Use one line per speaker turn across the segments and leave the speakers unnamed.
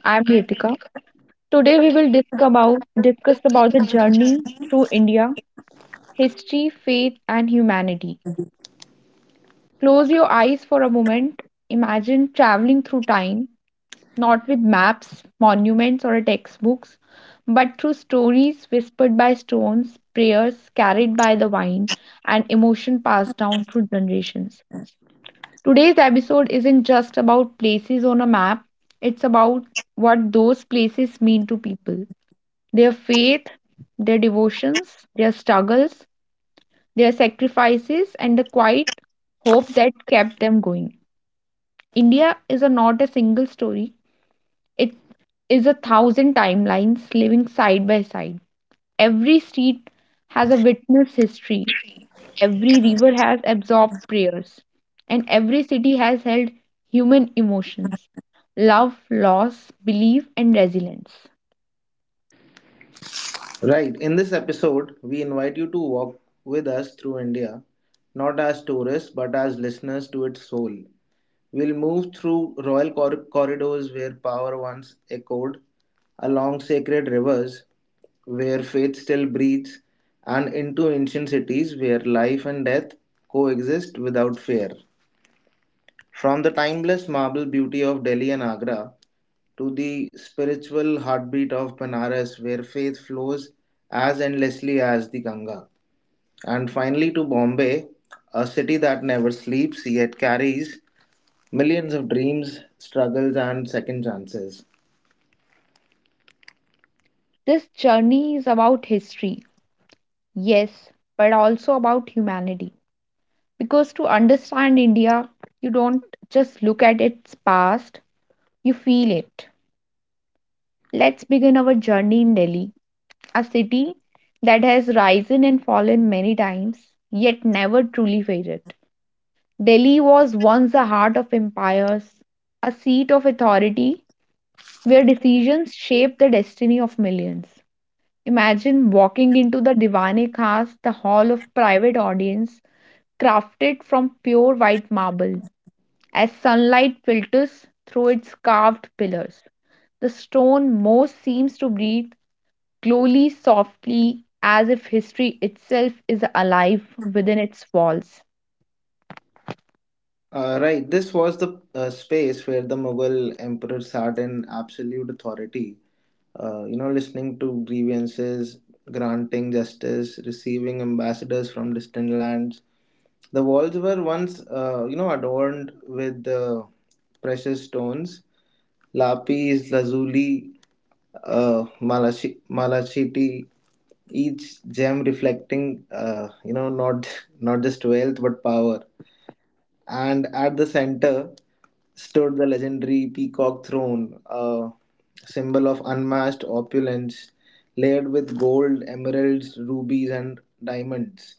I'm
I'm
Ritika.
Ritika.
Today we
Today
will
we
discuss
will
about, discuss
discuss
about the
about the
journey
journey.
through India, history, faith, and humanity. Close your eyes for a moment. Imagine traveling through time, not with maps, monuments, or textbooks, but through stories whispered by stones, prayers carried by the wind, and emotion passed down through generations. Today's episode isn't just about places on a map, it's about what those places mean to people. Their faith, their devotions, their struggles, their sacrifices, and the quiet hope that kept them going. India is not a single story, it is a thousand timelines living side by side. Every street has a witness history, every river has absorbed prayers, and every city has held human emotions, love, loss, belief, and resilience.
Right, in this episode, we invite you to walk with us through India, not as tourists but as listeners to its soul. We'll move through royal corridors where power once echoed, along sacred rivers where faith still breathes, and into ancient cities where life and death coexist without fear. From the timeless marble beauty of Delhi and Agra to the spiritual heartbeat of Banaras, where faith flows as endlessly as the Ganga. And finally, to Bombay, a city that never sleeps yet carries millions of dreams, struggles, and second chances.
This journey is about history. Yes, but also about humanity. Because to understand India, you don't just look at its past, you feel it. Let's begin our journey in Delhi, a city that has risen and fallen many times, yet never truly faded. Delhi was once the heart of empires, a seat of authority where decisions shaped the destiny of millions. Imagine walking into the Diwane Khas, the hall of private audience, crafted from pure white marble. As sunlight filters through its carved pillars, the stone most seems to breathe slowly, softly, as if history itself is alive within its walls.
Right, this was the space where the Mughal emperor sat in absolute authority, listening to grievances, granting justice, receiving ambassadors from distant lands. The walls were once, adorned with precious stones, lapis lazuli, malachite, each gem reflecting, not not just wealth but power. And at the center stood the legendary peacock throne, a symbol of unmatched opulence, layered with gold, emeralds, rubies, and diamonds.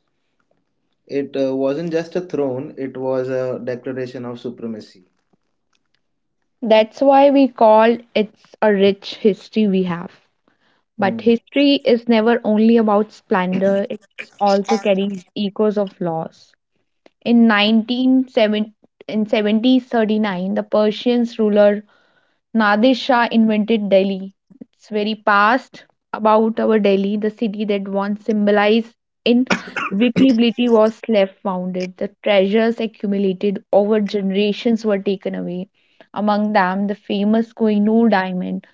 It wasn't just a throne, it was a declaration of supremacy.
That's why we call it a rich history we have. But
Hmm.
history is never only about splendor, it also carries echoes of loss. In 1970, in 1739, the Persians ruler Nadir Shah invented Delhi. It's very past about our Delhi, the city that once symbolized invincibility was left founded. The treasures accumulated over generations were taken away. Among them, the famous Kohinoor diamond.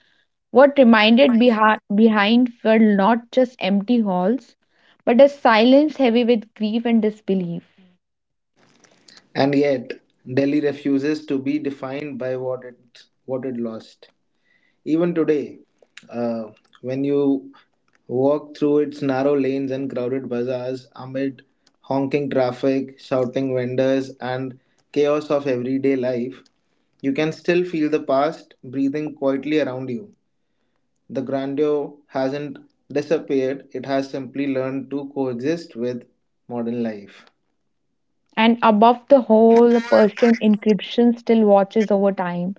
What remained behind were not just empty halls, but a silence heavy with grief and disbelief.
And yet, Delhi refuses to be defined by what it lost. Even today, uh, when you walk through its narrow lanes and crowded bazaars amid honking traffic, shouting vendors, and chaos of everyday life, you can still feel the past breathing quietly around you. The grandeur hasn't disappeared, it has simply learned to coexist with modern life.
And above the whole, a Persian inscription still watches over time.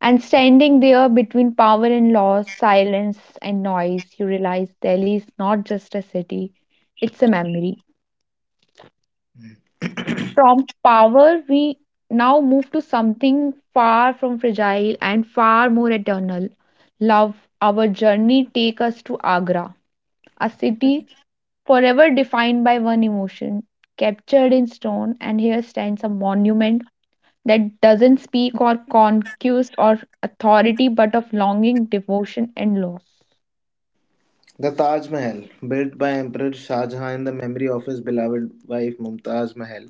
And standing there between power and loss, silence and noise, you realize Delhi is not just a city, it's a memory. From power, we now move to something far from fragile and far more eternal, love. Our journey take us to Agra, a city forever defined by one emotion, captured in stone, and here stands a monument that doesn't speak or conquest or authority but of longing, devotion, and love.
The Taj Mahal, built by Emperor Shah Jahan in the memory of his beloved wife Mumtaz Mahal.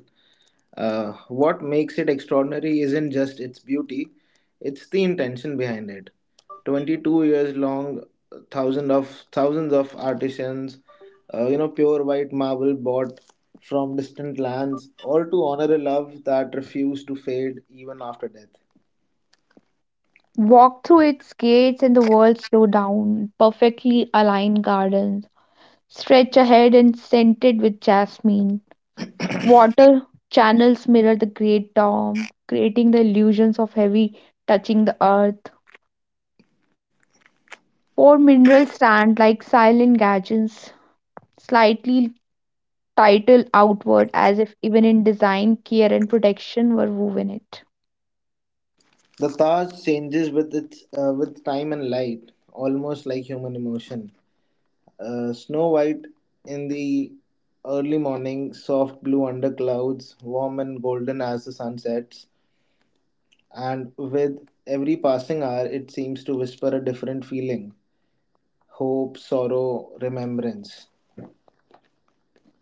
What makes it extraordinary isn't just its beauty, it's the intention behind it. 22 years long, thousands of artisans, pure white marble bought from distant lands, all to honor a love that refused to fade even after death.
Walk through its gates and the world slow down. Perfectly aligned gardens stretch ahead and scented with jasmine. Water channels mirror the great dome, creating the illusions of heavy touching the earth. Four minerals stand like silent gadgets, slightly titled outward, as if even in design, care and protection were woven it.
The Taj changes with its with time and light, almost like human emotion. Snow White in the early morning, soft blue under clouds, warm and golden as the sun sets, and with every passing hour, it seems to whisper a different feeling: hope, sorrow, remembrance.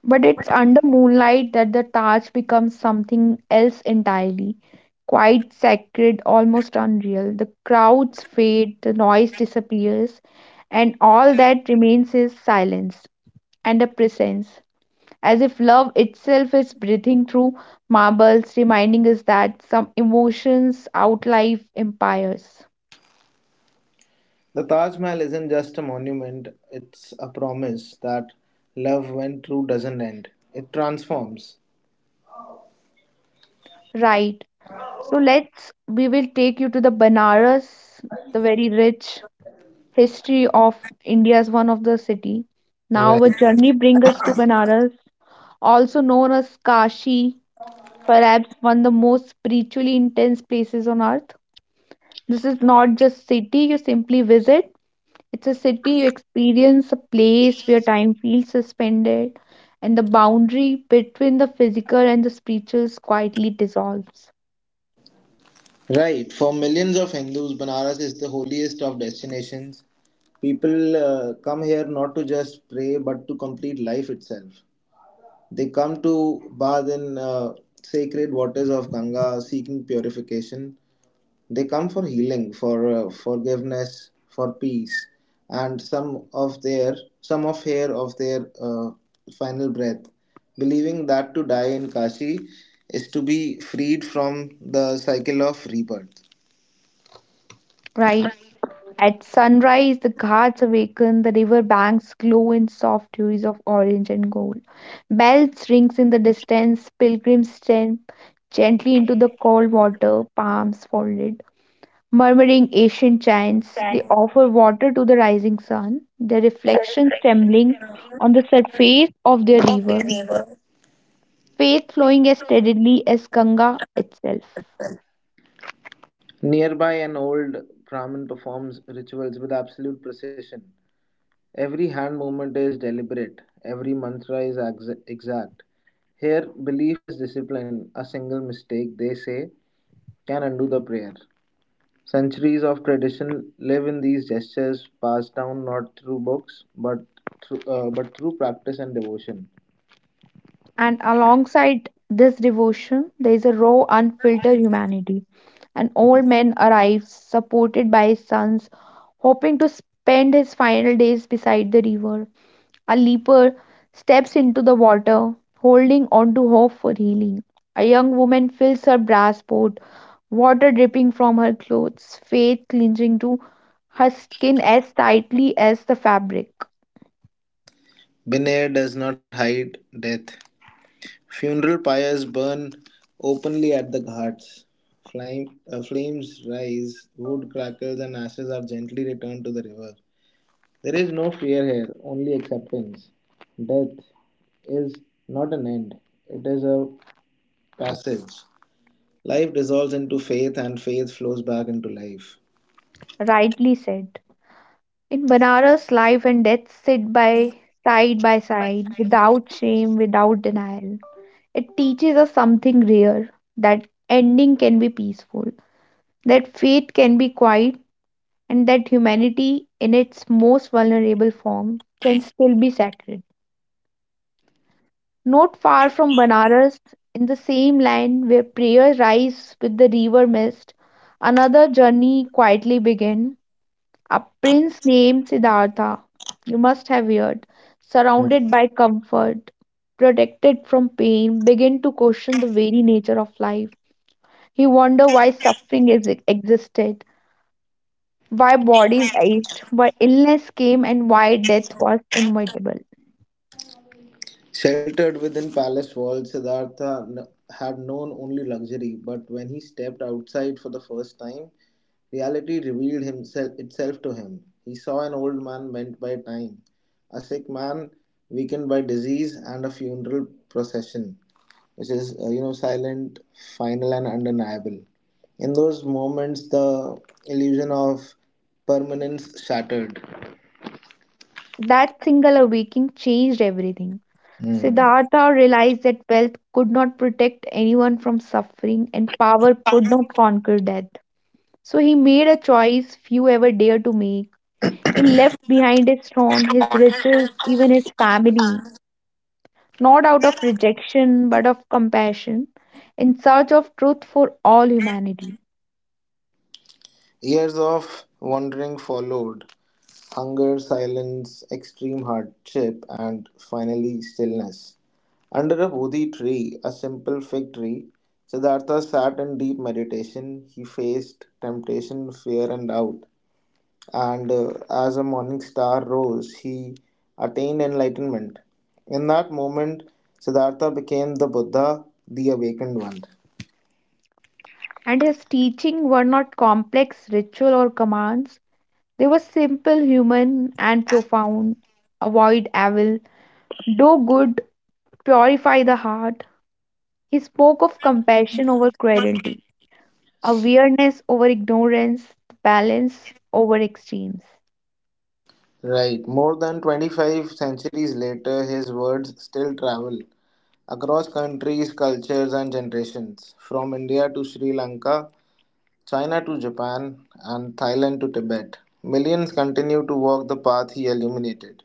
But it's under moonlight that the Taj becomes something else entirely. Quite sacred, almost unreal. The crowds fade, the noise disappears, and all that remains is silence and a presence, as if love itself is breathing through marbles, reminding us that some emotions outlive empires.
The Taj Mahal isn't just a monument, it's a promise that love, when true, doesn't end. It transforms.
Right. We will take you to the Banaras, the very rich, history of India's one of the city. Now a
Right.
journey brings us to Banaras, also known as Kashi, perhaps one of the most spiritually intense places on earth. This is not just city you simply visit, it's a city you experience, a place where time feels suspended and the boundary between the physical and the spiritual quietly dissolves.
Right. For millions of Hindus, Banaras is the holiest of destinations. People come here not to just pray but to complete life itself. They come to bathe in sacred waters of Ganga seeking purification. They come for healing, for forgiveness, for peace, and some of their some of hair of their final breath, believing that to die in Kashi is to be freed from the cycle of rebirth.
Right? At sunrise, the gods awaken, the river banks glow in soft hues of orange and gold. Bells rings in the distance, pilgrims step gently into the cold water, palms folded. Murmuring ancient chants, they offer water to the rising sun, their reflections trembling on the surface of their river, faith flowing as steadily as Ganga itself.
Nearby, an old Brahmin performs rituals with absolute precision. Every hand movement is deliberate, every mantra is exact. Here, belief is discipline. A single mistake, they say, can undo the prayer. Centuries of tradition live in these gestures, passed down not through books but through practice and devotion.
And alongside this devotion, there is a raw, unfiltered humanity. An old man arrives, supported by his sons, hoping to spend his final days beside the river. A leper steps into the water, holding on to hope for healing. A young woman fills her brass pot, water dripping from her clothes, faith clinging to her skin as tightly as the fabric.
Binair does not hide death. Funeral pyres burn openly at the ghats. Flames rise, wood crackles, and ashes are gently returned to the river. There is no fear here, only acceptance. Death is not an end, it is a passage. Life dissolves into faith, and faith flows back into life.
Rightly said. In Banaras, life and death sit by side, without shame, without denial. It teaches us something rare, that ending can be peaceful, that faith can be quiet, and that humanity in its most vulnerable form can still be sacred. Not far from Banaras, in the same land where prayer rises with the river mist, another journey quietly began. A prince named Siddhartha, you must have heard, surrounded by comfort, protected from pain, began to question the very nature of life. He wondered existed, why bodies ached, why illness came, and why death was inevitable.
Sheltered within palace walls, Siddhartha had known only luxury, but when he stepped outside for the first time, reality revealed itself to him. He saw an old man bent by time, a sick man weakened by disease, and a funeral procession, which is silent, final, and undeniable. In those moments, the illusion of permanence shattered.
That single awakening changed everything.
Hmm.
Siddhartha realized that wealth could not protect anyone from suffering and power could not conquer death. So he made a choice few ever dare to make. He left behind his throne, his riches, even his family, not out of rejection but of compassion, in search of truth for all humanity.
Years of wandering followed: hunger, silence, extreme hardship, and finally stillness. Under a Bodhi tree, a simple fig tree, Siddhartha sat in deep meditation. He faced temptation, fear, and doubt. And as a morning star rose, he attained enlightenment. In that moment, Siddhartha became the Buddha, the awakened one.
And his teaching were not complex ritual or commands. They were simple, human, and profound. Avoid evil, do good, purify the heart. He spoke of compassion over cruelty, awareness over ignorance, balance over extremes.
Right, more than 25 centuries later, his words still travel across countries, cultures, and generations, from India to Sri Lanka, China to Japan, and Thailand to Tibet. Millions continue to walk the path he illuminated,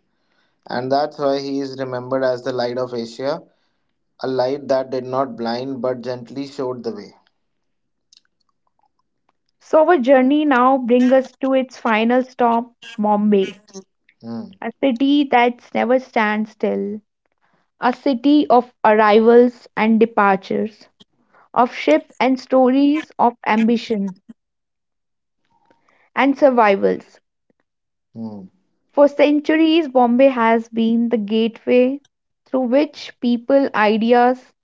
and that's why he is remembered as the Light of Asia. A light that did not blind but gently showed the way.
So, our journey now brings us to its final stop, Bombay,
Hmm.
a city that never stands still, a city of arrivals and departures of ship and stories of ambition and survivals.
Hmm.
For centuries, Bombay has been the gateway through which people, ideas,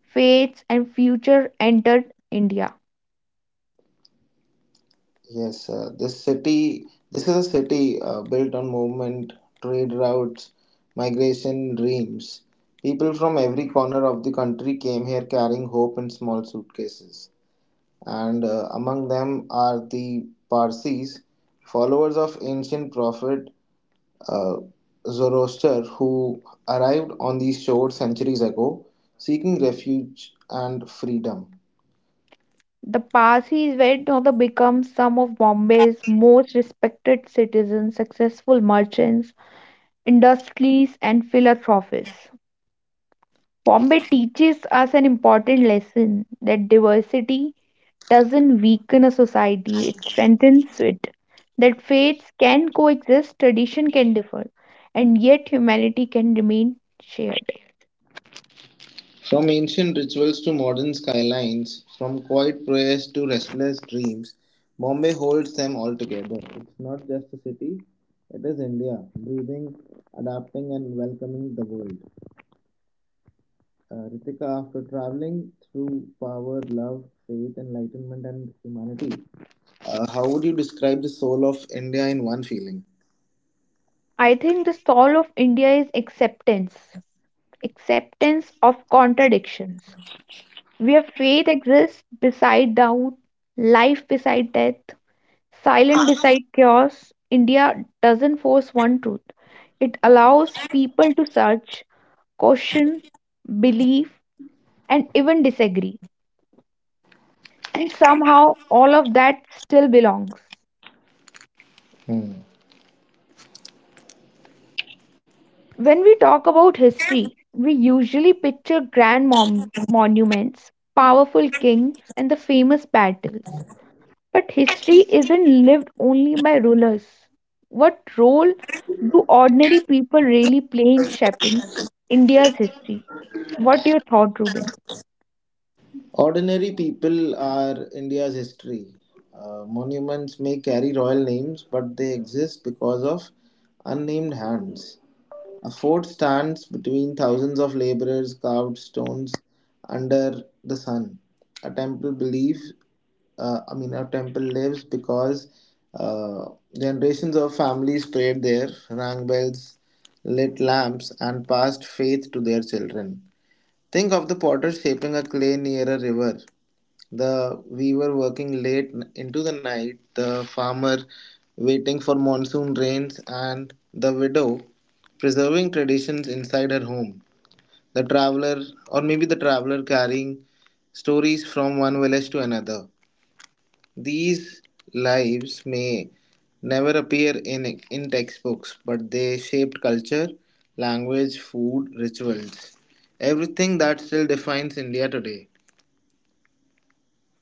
faiths, and future entered India.
Yes, this is a city built on movement, trade routes, migration, dreams. People from every corner of the country came here carrying hope in small suitcases. And among them are the Parsis, followers of ancient prophet uh, Zoroaster, who arrived on these shores centuries ago seeking refuge and freedom.
The Parsis went on to become some of Bombay's most respected citizens, successful merchants, industries, and philanthropists. Bombay teaches us an important lesson that diversity doesn't weaken a society, it strengthens it. That faiths can coexist, tradition can differ, and yet humanity can remain shared.
From ancient rituals to modern skylines, from quiet prayers to restless dreams, Bombay holds them all together. It's not just a city, it is India, breathing, adapting, and welcoming the world. Ritika, after traveling through power, love, faith, enlightenment, and humanity, how would you describe the soul of India in one feeling?
I think the soul of India is acceptance, acceptance of contradictions, where faith exists beside doubt, life beside death, silent beside chaos. India doesn't force one truth, it allows people to search, question, believe, and even disagree. And somehow all of that still belongs.
Hmm.
When we talk about history, we usually picture grand monuments, powerful kings, and the famous battles. But history isn't lived only by rulers. What role do ordinary people really play in shaping India's history? What your thought, Ruben?
Ordinary people are India's history. Monuments may carry royal names, but they exist because of unnamed hands. A fort stands between thousands of laborers' carved stones under the sun. A temple believes, I mean, a temple lives because uh, generations of families prayed there, rang bells, lit lamps, and passed faith to their children. Think of the potter shaping a clay near a river, the we were working late into the night, the farmer waiting for monsoon rains, and the widow preserving traditions inside her home. The traveler, or maybe the traveler carrying stories from one village to another. These lives may never appear in textbooks, but they shaped culture, language, food, rituals, everything that still defines India today.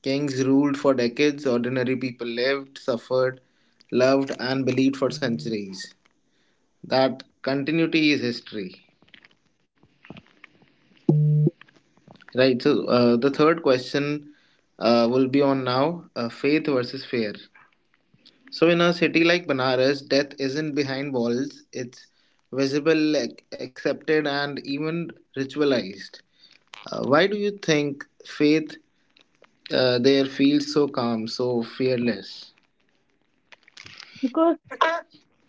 Kings ruled for decades, ordinary people lived, suffered, loved, and believed for centuries. That continuity is history. Right, so the third question will be on now faith versus fear. So, in a city like Banaras, death isn't behind walls, it's visible, accepted, and even ritualized. Why do you think faith there feels so calm, so fearless?
Because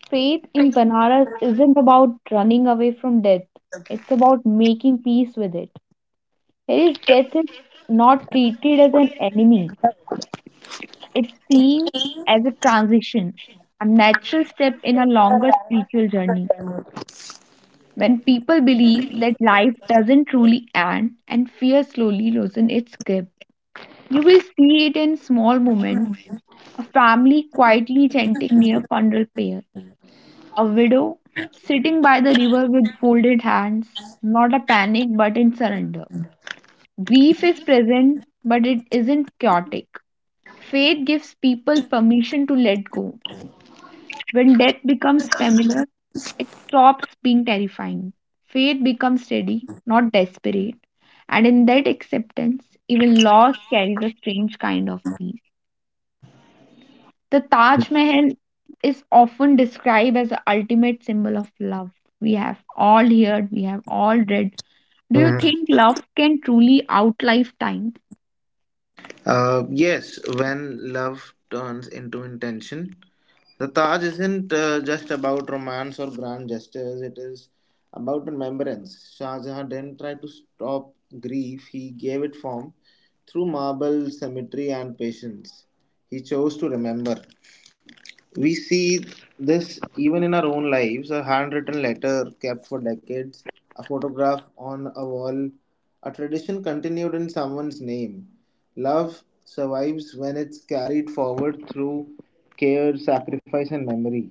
faith in Banaras isn't about running away from death, it's about making peace with it. Harry's death is not treated as an enemy. It seems as a transition, a natural step in a longer spiritual journey. When people believe that life doesn't truly end and fear slowly loosens its grip, you will see it in small moments, a family quietly chanting near funeral pyre, a widow sitting by the river with folded hands, not a panic but in surrender. Grief is present, but it isn't chaotic. Faith gives people permission to let go. When death becomes familiar, it stops being terrifying. Faith becomes steady, not desperate, and in that acceptance, even loss carries a strange kind of peace. The Taj Mahal is often described as the ultimate symbol of love. We have all heard, we have all read. Do you think love can truly outlive time?
Yes, when love turns into intention. The Taj isn't just about romance or grand gestures, it is about remembrance. Shah Jahan didn't try to stop grief, he gave it form through marble, symmetry, and patience. He chose to remember. We see this even in our own lives: a handwritten letter kept for decades, a photograph on a wall, a tradition continued in someone's name. Love survives when it's carried forward through care, sacrifice, and memory.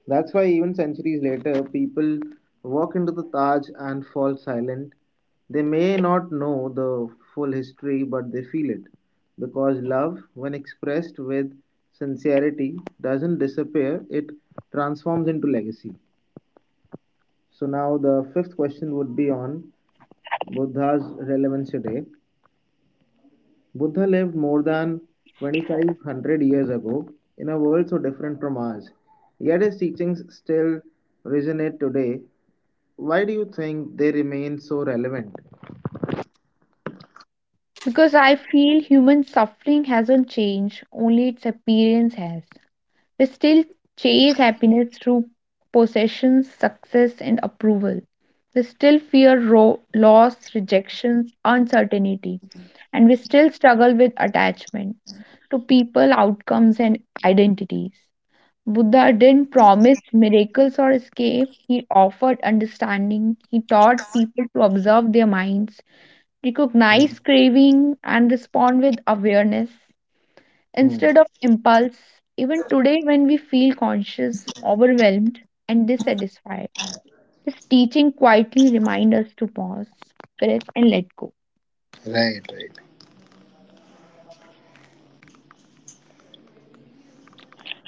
That's why, even centuries later, people walk into the Taj and fall silent. They may not know the full history, but they feel it. Because love, when expressed with sincerity, doesn't disappear, it transforms into legacy. So, now the fifth question would be on Buddha's relevance today. Buddha lived more than 2,500 years ago in a world so different from ours, yet his teachings still resonate today. Why do you think they remain so relevant?
Because I feel human suffering hasn't changed, only its appearance has. We still chase happiness through possessions, success, and approval. We still fear loss, rejections, uncertainty, and we still struggle with attachment to people, outcomes, and identities. Buddha didn't promise miracles or escape. He offered understanding. He taught people to observe their minds,
Hmm,
recognize craving, and respond with awareness
hmm.
instead of impulse. Even today, when we feel conscious, overwhelmed, and dissatisfied, his teaching quietly reminds us to pause, breathe, and let go.
Right, right.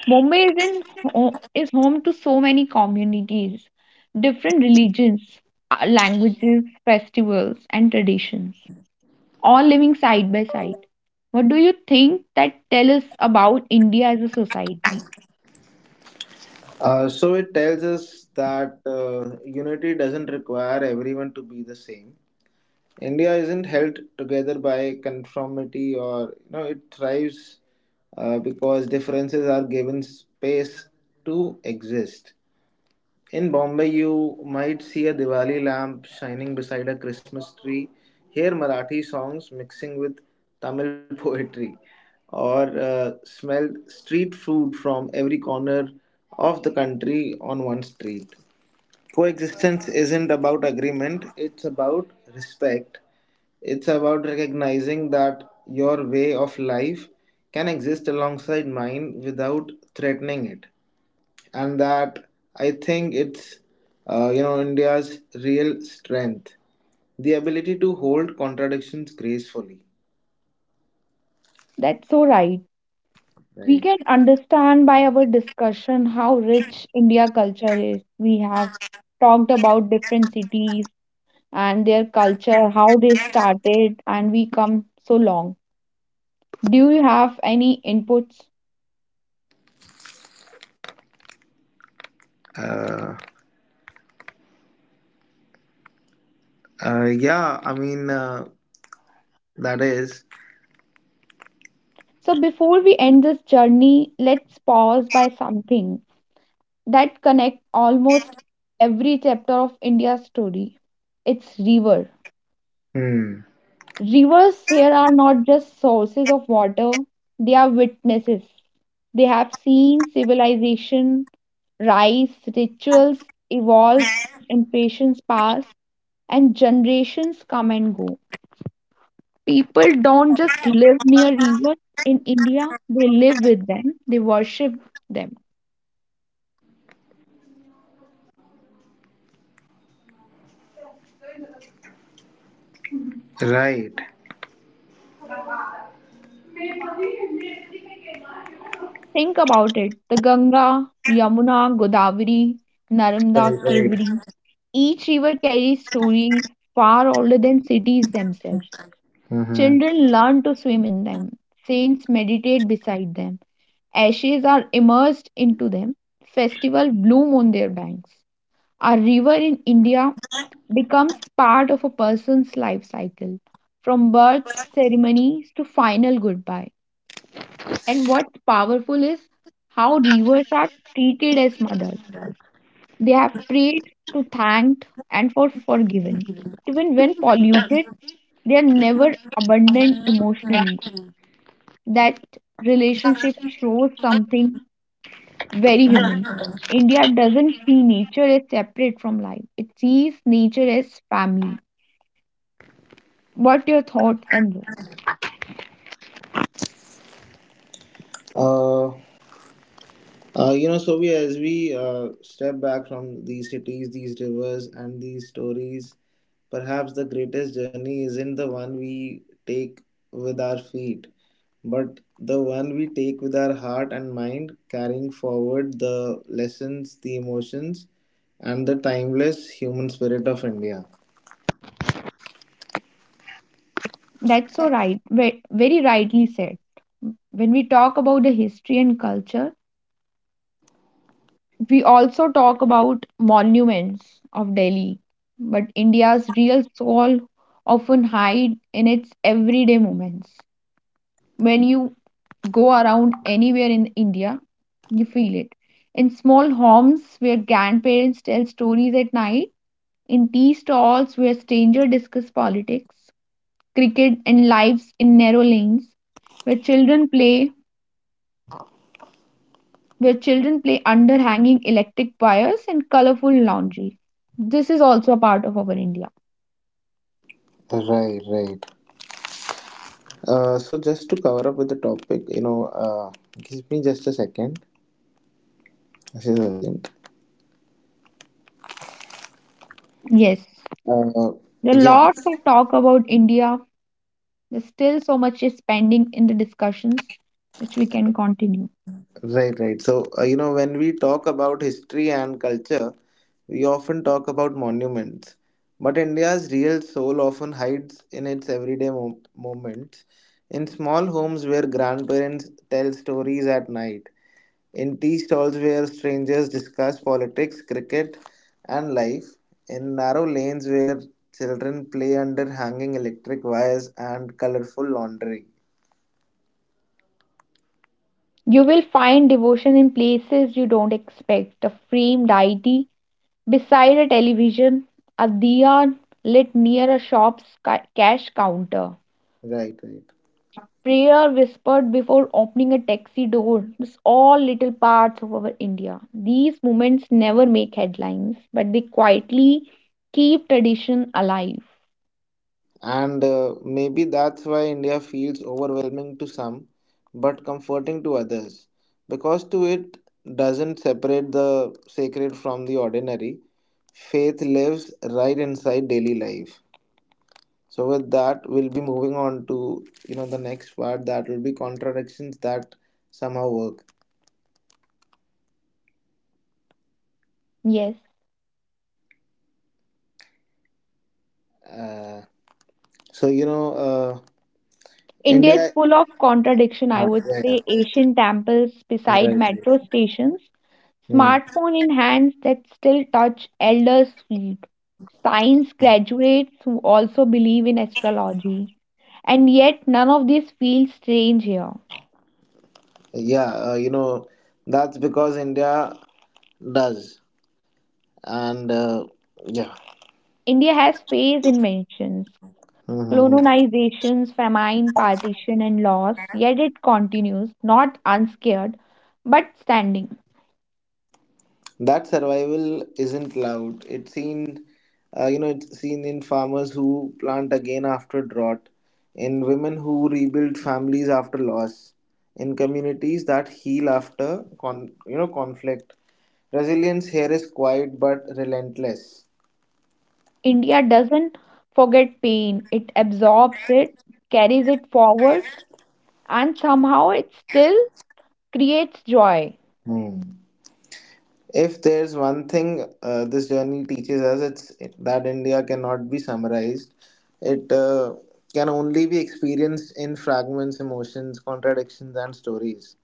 Mumbai is, in, ho- is home to so many communities, different religions, languages, festivals, and traditions, all living side by side. What do you think that tell us about India as a society?
So it tells us that unity doesn't require everyone to be the same. India isn't held together by conformity, or you know, it thrives because differences are given space to exist. In Bombay, you might see a Diwali lamp shining beside a Christmas tree. Hear Marathi songs mixing with Tamil poetry, or smell street food from every corner of the country on one street. Coexistence isn't about agreement, it's about respect. It's about recognizing that your way of life can exist alongside mine without threatening it, and that I think it's you know India's real strength, the ability to hold contradictions gracefully.
That's so right. We
Right.
can understand by our discussion how rich India culture is. We have talked about different cities and their culture, how they started, and we come so long. Do you have any inputs?
Uh, yeah, I mean, that is.
So, before we end this journey, let's pause by something that connects almost every chapter of India's story. It's river.
Hmm.
Rivers here are not just sources of water, they are witnesses. They have seen civilization rise, rituals evolve, impressions pass, and generations come and go. People don't just live near rivers in India, they live with them, they worship them.
Right.
Think about it, the Ganga, Yamuna, Godavari,
Right.
Narmada, Kaveri.
Right.
Each river carries stories far older than cities themselves.
Mm-hmm.
Children learn to swim in them. Saints meditate beside them. Ashes are immersed into them. Festivals bloom on their banks. A river in India becomes part of a person's life cycle, from birth ceremonies to final goodbye. And what's powerful is how rivers are treated as mothers. They have prayed to thanked and for forgiven. Even when polluted, they are never abandoned emotionally. That relationship shows something very human. India doesn't see nature as separate from life, it sees nature as family. What your thought and this?
Uh, you know, Sobi, as we step back from these cities, these rivers, and these stories, perhaps the greatest journey isn't the one we take with our feet, but the one we take with our heart and mind, carrying forward the lessons, the emotions, and the timeless human spirit of India.
That's so right, very rightly said. When we talk about the history and culture, we also talk about monuments of Delhi, but India's real soul often hide in its everyday moments. When you go around anywhere in India, you feel it. In small homes where grandparents tell stories at night, in tea stalls where strangers discuss politics, cricket and lives in narrow lanes, where children play where children play under hanging electric wires and colorful laundry. This is also a part of our India.
Right, right. So, just to cover up with the topic, you know, give me just a second. This is urgent.
Yes.
Uh,
There are
yeah.
lots of talk about India. There's still so much is pending in the discussions, which we can continue.
Right, right. So, you know, when we talk about history and culture, we often talk about monuments. But India's real soul often hides in its everyday moments, in small homes where grandparents tell stories at night, in tea stalls where strangers discuss politics, cricket, and life, in narrow lanes where children play under hanging electric wires and colorful laundry.
You will find devotion in places you don't expect, a framed deity beside a television, a diya lit near a shop's cash counter,
Right, right.
prayer whispered before opening a taxi door. It's all little parts of our India. These moments never make headlines, but they quietly keep tradition alive.
And maybe that's why India feels overwhelming to some but comforting to others. Because to it doesn't separate the sacred from the ordinary. Faith lives right inside daily life. So with that we'll be moving on to you know the next part that will be contradictions that somehow work.
Yes.
Uh, so you know
India is
India.
full of contradiction, I
Ah,
would
yeah,
say.
yeah.
Asian temples beside
Right,
metro
right.
stations,
Hmm.
smartphone in hands that still touch elders' feet, science graduates who also believe in astrology. And yet, none of these feels strange here.
Yeah, you know that's because India does. And yeah.
India has phase inventions,
Mhm.
colonizations, famine, partition, and loss, yet it continues, not unscared, but standing.
That survival isn't loud, it's seen, you know, it's seen in farmers who plant again after drought, in women who rebuild families after loss, in communities that heal after you know conflict. Resilience here is quiet but relentless.
India doesn't forget pain, it absorbs it, carries it forward, and somehow it still creates joy.
Hmm. If there's one thing this journey teaches us, it's that India cannot be summarized. It can only be experienced in fragments, emotions, contradictions, and stories.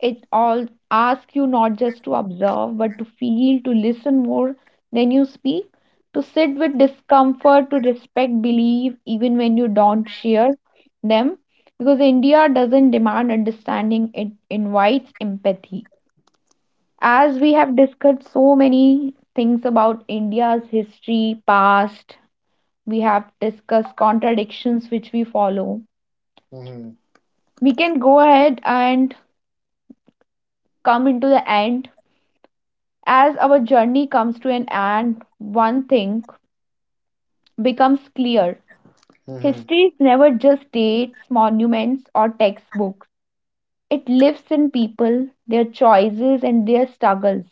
It all asks you not just to observe, but to feel, to listen more than you speak, to sit with discomfort, to respect belief, even when you don't share them. Because India doesn't demand understanding, it invites empathy. As we have discussed so many things about India's history, past, we have discussed contradictions which we follow.
Mm-hmm.
We can go ahead and come into the end. As our journey comes to an end, one thing becomes clear, history
Mm-hmm.
is never just dates, monuments, or textbooks. It lives in people, their choices and their struggles,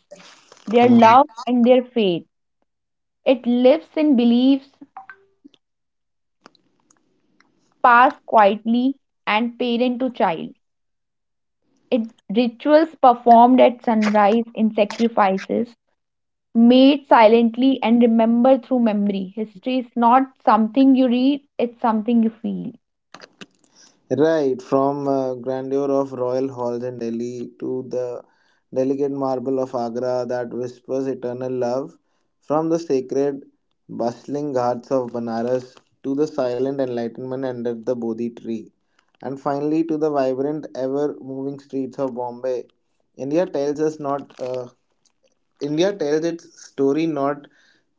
their love
Mm-hmm.
and their faith. It lives in beliefs passed quietly and parent to child. It rituals performed at sunrise in sacrifices made silently and remembered through memory. History is not something you read, it's something you feel.
Right, from grandeur of royal halls in Delhi to the delicate marble of Agra that whispers eternal love, from the sacred, bustling ghats of Banaras to the silent enlightenment under the Bodhi tree, and finally to the vibrant, ever moving streets of Bombay, India tells us not. India tells its story not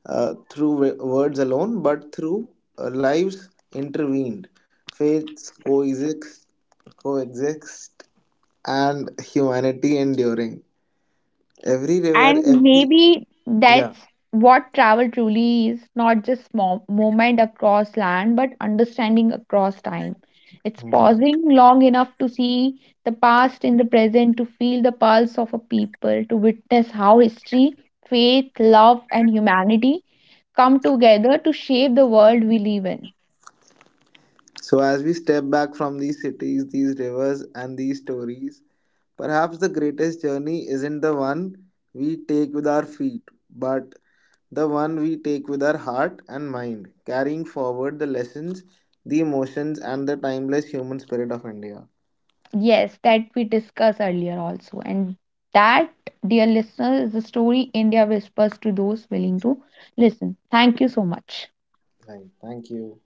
through words alone, but through lives intervened, faiths coexist, coexist, and humanity enduring. Every river,
And
every
maybe
yeah.
that's what travel truly is, not just movement across land, but understanding across time. It's
Mhm.
pausing long enough to see the past in the present, to feel the pulse of a people, to witness how history, faith, love, and humanity come together to shape the world we live in.
So as we step back from these cities, these rivers, and these stories, perhaps the greatest journey isn't the one we take with our feet, but the one we take with our heart and mind, carrying forward the lessons, the emotions, and the timeless human spirit of India.
Yes, that we discussed earlier also. And that, dear listeners, is the story India whispers to those willing to listen. Thank you so much.
Right. Thank you.